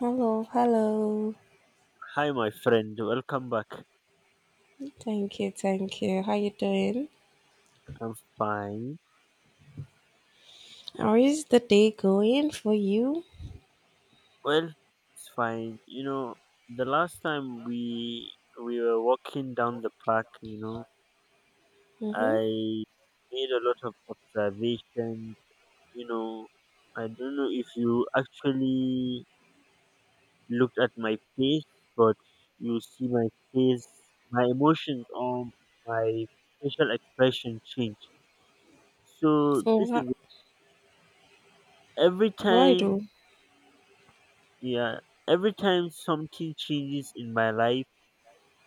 Hello, hello. Hi, my friend. Welcome back. Thank you, thank you. How you doing? I'm fine. How is the day going for you? Well, it's fine. You know, the last time we were walking down the park, Mm-hmm. I made a lot of observations. You know, I don't know if you actually looked at my face, but you see my face, my emotions, or my facial expression change. So this is What, every what I time. do? Yeah, every time something changes in my life,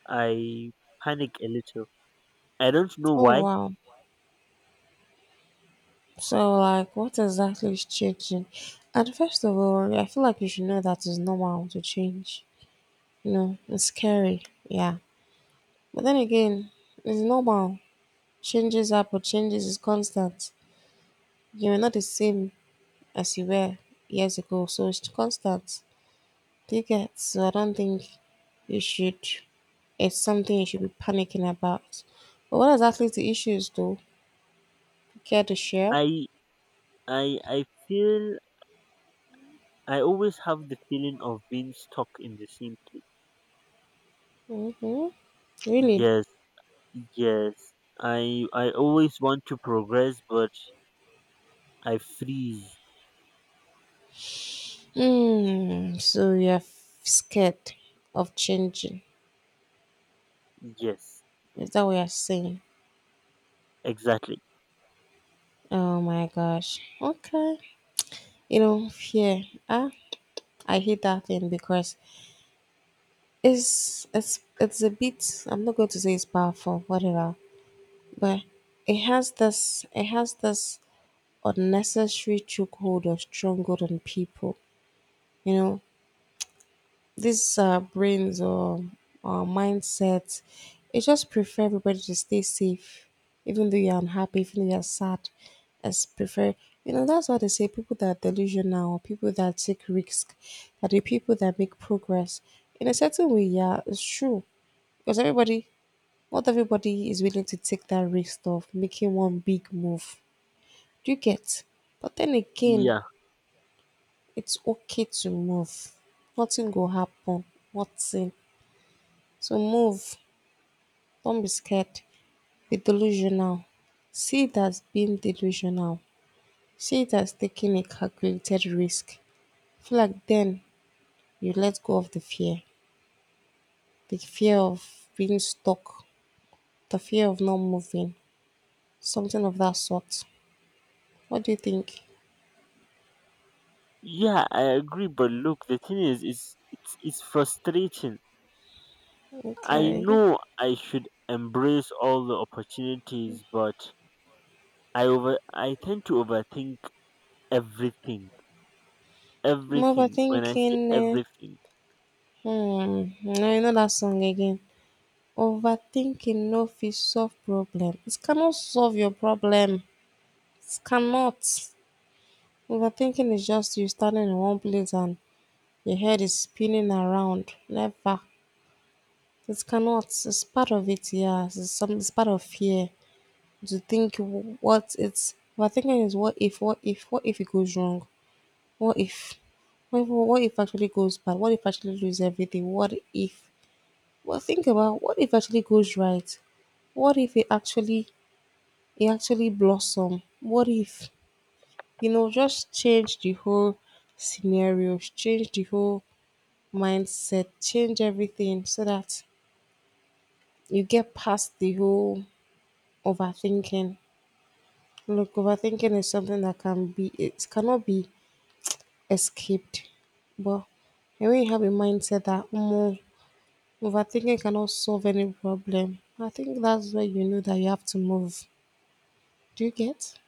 I panic a little. I don't know Oh why. wow. So like, what exactly is changing? And first of all, I feel like you should know that it's normal to change. You know, it's scary. Yeah. But then again, it's normal. Changes happen. Changes is constant. You are not the same as you were years ago, so it's constant. Tickets, so I don't think you should it's something you should be panicking about. But what exactly the issues, though? Care to share? I I feel I always have the feeling of being stuck in the same place. Hmm. Really? Yes, yes. I always want to progress, but I freeze. Mm, so you're scared of changing. Yes, Is that what you're saying? exactly. Oh my gosh. Okay. You know, fear. Ah, I hate that thing because it's a bit I'm not going to say it's powerful, whatever. But it has this unnecessary chokehold or stronghold on people. You know, these brains or our mindsets, it just prefer everybody to stay safe, even though you're unhappy, even though you're sad. As prefer, you know, that's why they say people that are delusional, or people that take risk, are the people that make progress. In a certain way, yeah, it's true because everybody, not everybody is willing to take that risk of making one big move. Do you get? But then again, Yeah, it's okay to move. Nothing will happen. Nothing. So move. Don't be scared. Be delusional. See it as being delusional. See it as taking a calculated risk. Feel like then you let go of the fear. The fear of being stuck. The fear of not moving. Something of that sort. What do you think? yeah, I agree. But look, the thing is, it's frustrating. I Okay. I'm know I should embrace all the opportunities, but I tend to overthink everything. Everything. When I say overthinking. Eh. everything, Hmm. No, you know that song again. Overthinking no fit solve problem. It cannot solve your problem. It cannot. Overthinking is just you standing in one place and your head is spinning around. Never. It cannot. It's part of it, yeah. It's, some, it's part of fear. To think what it's overthinking is what if, what if, what if it goes wrong? What if? What if, what if actually goes bad? What if actually lose everything? What if? Well, think about what if actually goes right? What if it actually blossom? What if, you know, just change the whole scenario, change the whole mindset, change everything so that you get past the whole overthinking. Look, overthinking is something that can be, it cannot be escaped. But when you have a mindset that overthinking cannot solve any problem, I think that's where you know that you have to move. Do you get?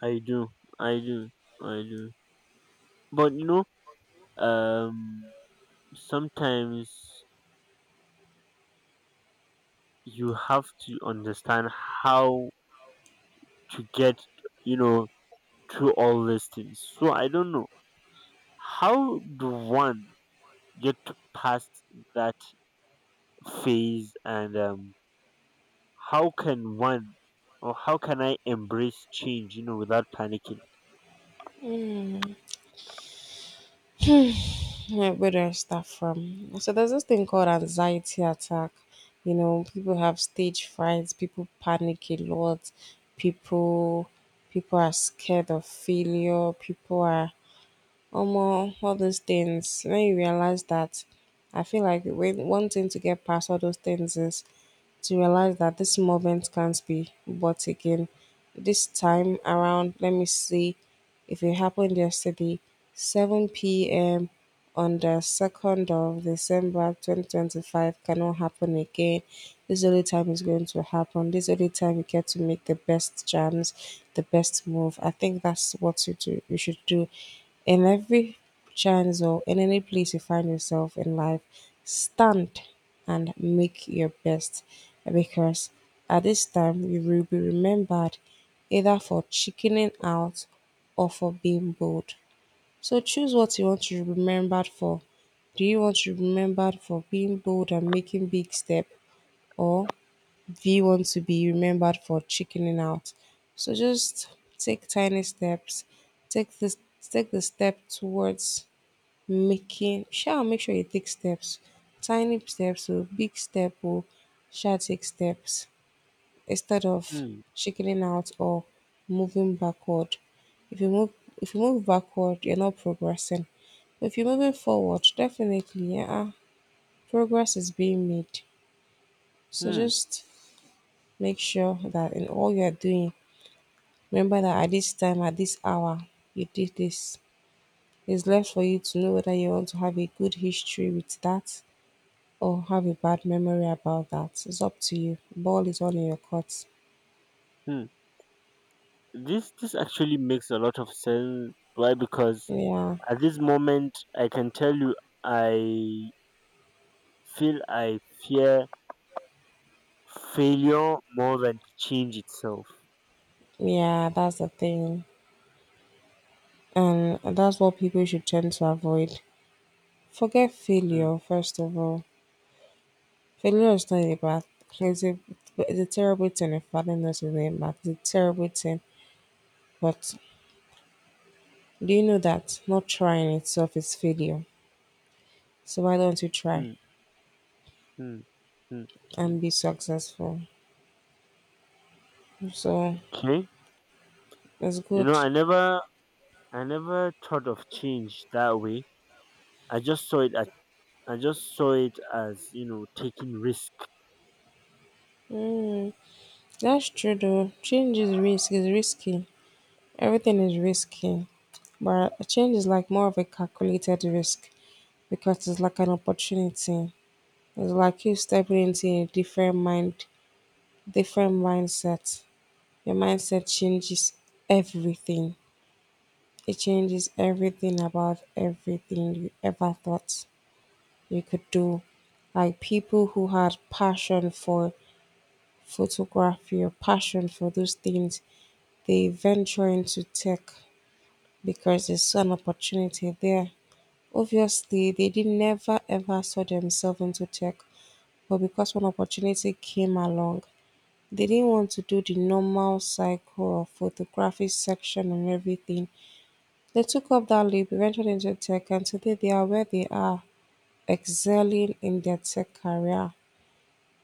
I do. I do. I do. But um sometimes you have to understand how to get, you know, through all these things. So I don't know. How do one get past that phase, and how can one, or how can I embrace change, you know, without panicking? Yeah, where do I start from? So there's this thing called anxiety attack. You know, people have stage frights. People panic a lot, people people are scared of failure, people are almost all those things. When you realize that I feel like when one thing to get past all those things is to realize that this moment can't be bought again. This time around, let me see if it happened yesterday, 7 p.m. on the 2nd of December 2025 cannot happen again. This is the only time it's going to happen. This is the only time you get to make the best jams, the best move. I think that's what you do. You should do in every chance or in any place you find yourself in life, stand and make your best. Because at this time you will be remembered either for chickening out or for being bold. So choose what you want to be remembered for. Do you want to be remembered for being bold and making big step or do you want to be remembered for chickening out? So just take tiny steps. Take this Take the step towards making shall make sure you take steps. Tiny steps or big step or shall take steps. Instead of Hmm, chickening out or moving backward, if you move if you move backward, you're not progressing. But if you're moving forward, definitely, yeah, ah, progress is being made. So hmm, just make sure that in all you're doing, remember that at this time, at this hour, you did this. It's left for you to know whether you want to have a good history with that or have a bad memory about that. It's up to you. Ball is all in your court. hmm. This actually makes a lot of sense. Why? Because Yeah, at this moment, I can tell you, I feel, I fear failure more than the change itself. yeah, that's the thing. And that's what people should tend to avoid. Forget Hmm, failure, first of all. Failure is not a bad it's a, it's a terrible thing if badness is a bad it's a terrible thing. But do you know that not trying itself is failure? So why don't you try hmm, hmm, hmm, hmm. and be successful? So Okay, it's you know, good. I never thought of change that way. I just saw it as, I just saw it as, you know, taking risk. That's true though. Change is risk, is risky. Everything is risky. But a change is like more of a calculated risk because it's like an opportunity. It's like you stepping into a different mind, different mindset. Your mindset changes everything. It changes everything about everything you ever thought you could do. Like people who had passion for photography or passion for those things, they venture into tech because they saw an opportunity there. Obviously, they did never ever saw themselves into tech, but because one opportunity came along, they didn't want to do the normal cycle of photography section and everything. They took up that leap, eventually into tech, and today they are where they are, excelling in their tech career.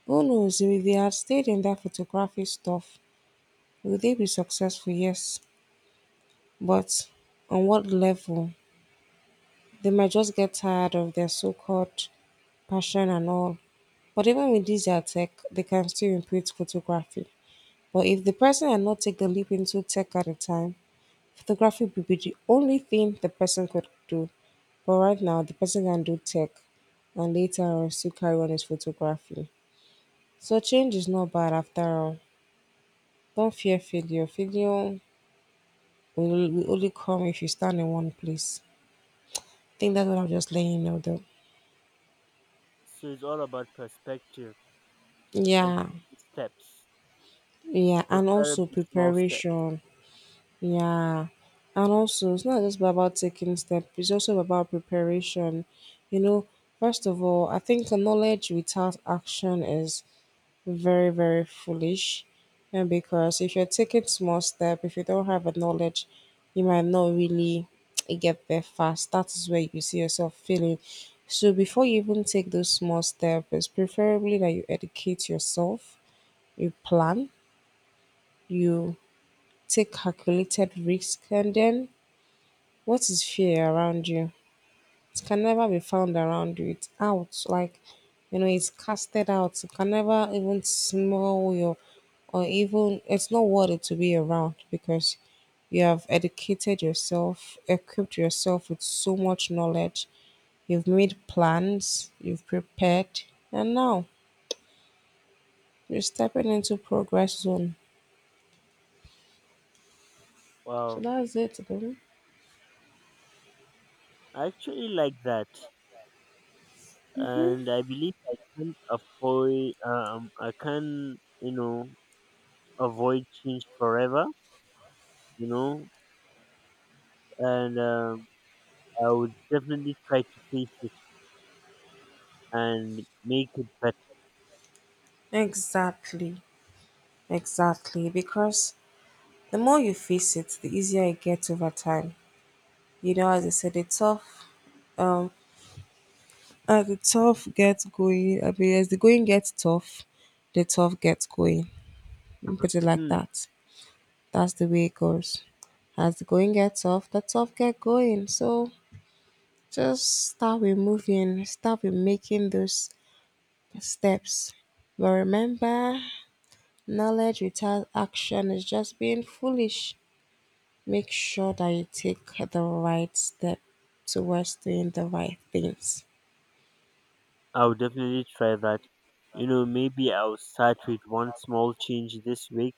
Who knows, if they had stayed in that photography stuff, would they be successful? Yes. But on what level? They might just get tired of their so called passion and all. But even with this their tech, they can still improve photography. But if the person had not taken the leap into tech at the time, photography would be the only thing the person could do. But right now, the person can do tech and later on still carry on his photography. So change is not bad after all. Don't fear failure. Failure will only come if you stand in one place. I think that's what I'm just letting you know though. So it's all about perspective and Yeah, taking steps, yeah, and also preferably small steps. preparation. Yeah, and also it's not just about taking steps; it's also about preparation. You know, first of all, I think knowledge without action is very very foolish and because if you're taking small step if you don't have a knowledge you might not really get there fast that is where you see yourself failing so before you even take those small steps it's preferably that you educate yourself you plan you take calculated risk and then what is fear around you it can never be found around you it's out like you know it's casted out. It can never even smell your or even it's not worth it to be around because you have educated yourself, equipped yourself with so much knowledge, you've made plans, you've prepared, and now you're stepping into progress zone. So Wow, that's it, though. I actually like that, and I believe I can't avoid. I can, you know, avoid change forever. You know, and I would definitely try to face it and make it better. Exactly, exactly. Because the more you face it, the easier it gets over time. You know, as I said, the tough, um, as the tough gets going, I mean, as the going gets tough, the tough gets going. Put it like Hmm, that. That's the way it goes. As the going gets off, the tough get going. So just start with moving, start with making those steps. But remember, knowledge without action is just being foolish. Make sure that you take the right step towards doing the right things. I would definitely try that. You know, maybe I'll start with one small change this week.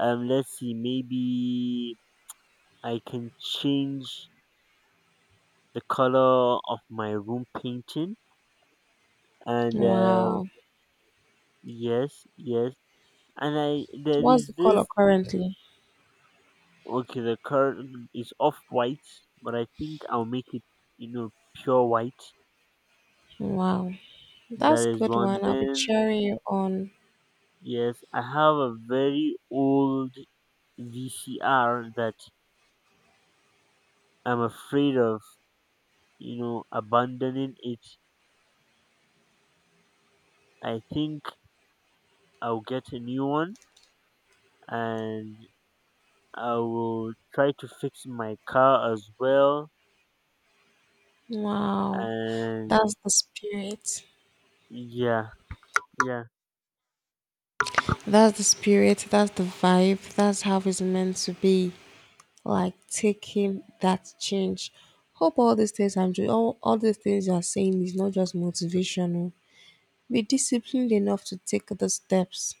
Let's see, maybe I can change the color of my room painting, and Wow. yes, yes. And I there What's is the color this currently? okay, the curtain is off white, but I think I'll make it, you know, pure white. Wow. That That's is good one. one. I'll be Then cheering you on. yes, I have a very old VCR that I'm afraid of, you know, abandoning it. I think I'll get a new one, and I will try to fix my car as well. Wow. And That's the spirit. yeah, yeah, That's the spirit. That's the vibe. That's how it's meant to be. Like taking that change. Hope all these things I'm doing, all these things you're saying is not just motivational. Be disciplined enough to take the steps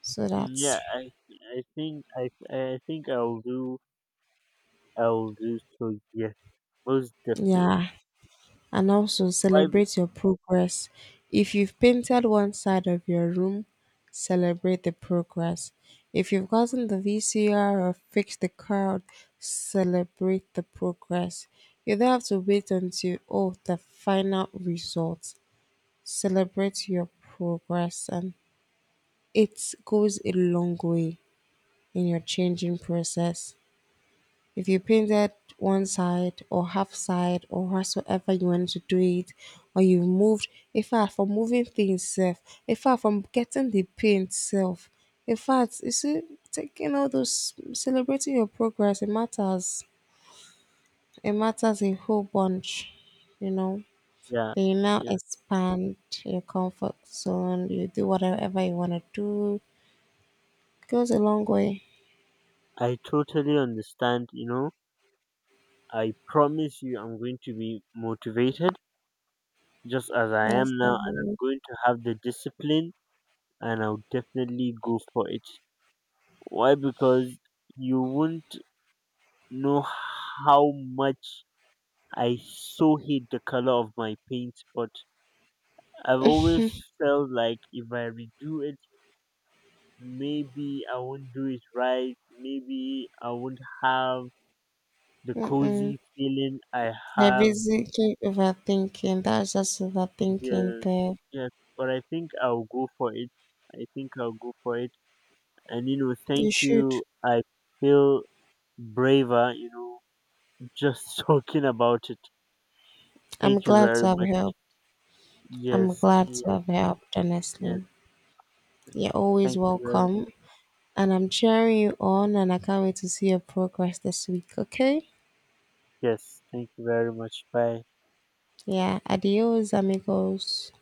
so that, yeah. I think I'll do, I'll do so. Yes, most definitely. yeah. And also Why? Celebrate your progress. If you've painted one side of your room, celebrate the progress. If you've gotten the VCR or fixed the card, celebrate the progress. You don't have to wait until, oh, the final result. Celebrate your progress, and it goes a long way in your changing process. If you painted one side or half side or whatsoever you wanted to do it, or you moved, in fact, from moving things self, in fact, from getting the paint self, in fact, you see, taking all those, celebrating your progress, it matters. It matters a whole bunch, you know. Yeah, Then you now yeah. expand your comfort zone, you do whatever you want to do. It goes a long way. I totally understand. You know, I promise you, I'm going to be motivated just as I That's am now, and I'm all. going to have the discipline, and I'll definitely go for it. Why? Because you won't know how much I so hate the color of my paint, but I've always felt like if I redo it, maybe I won't do it right. Maybe I won't have the Mm-mm. cozy feeling I They're have basically overthinking. That's just overthinking here. there. Yes, but I think I'll go for it. I think I'll go for it. And you know, thank You should. you. I feel braver, you know, just talking about it. Thank I'm you glad very to have much. helped. I'm Yes, glad to yes, have helped, yes. honestly. You're always Thank you very welcome. much. And I'm cheering you on, and I can't wait to see your progress this week, okay? Yes, thank you very much. Bye. Yeah, adios, amigos.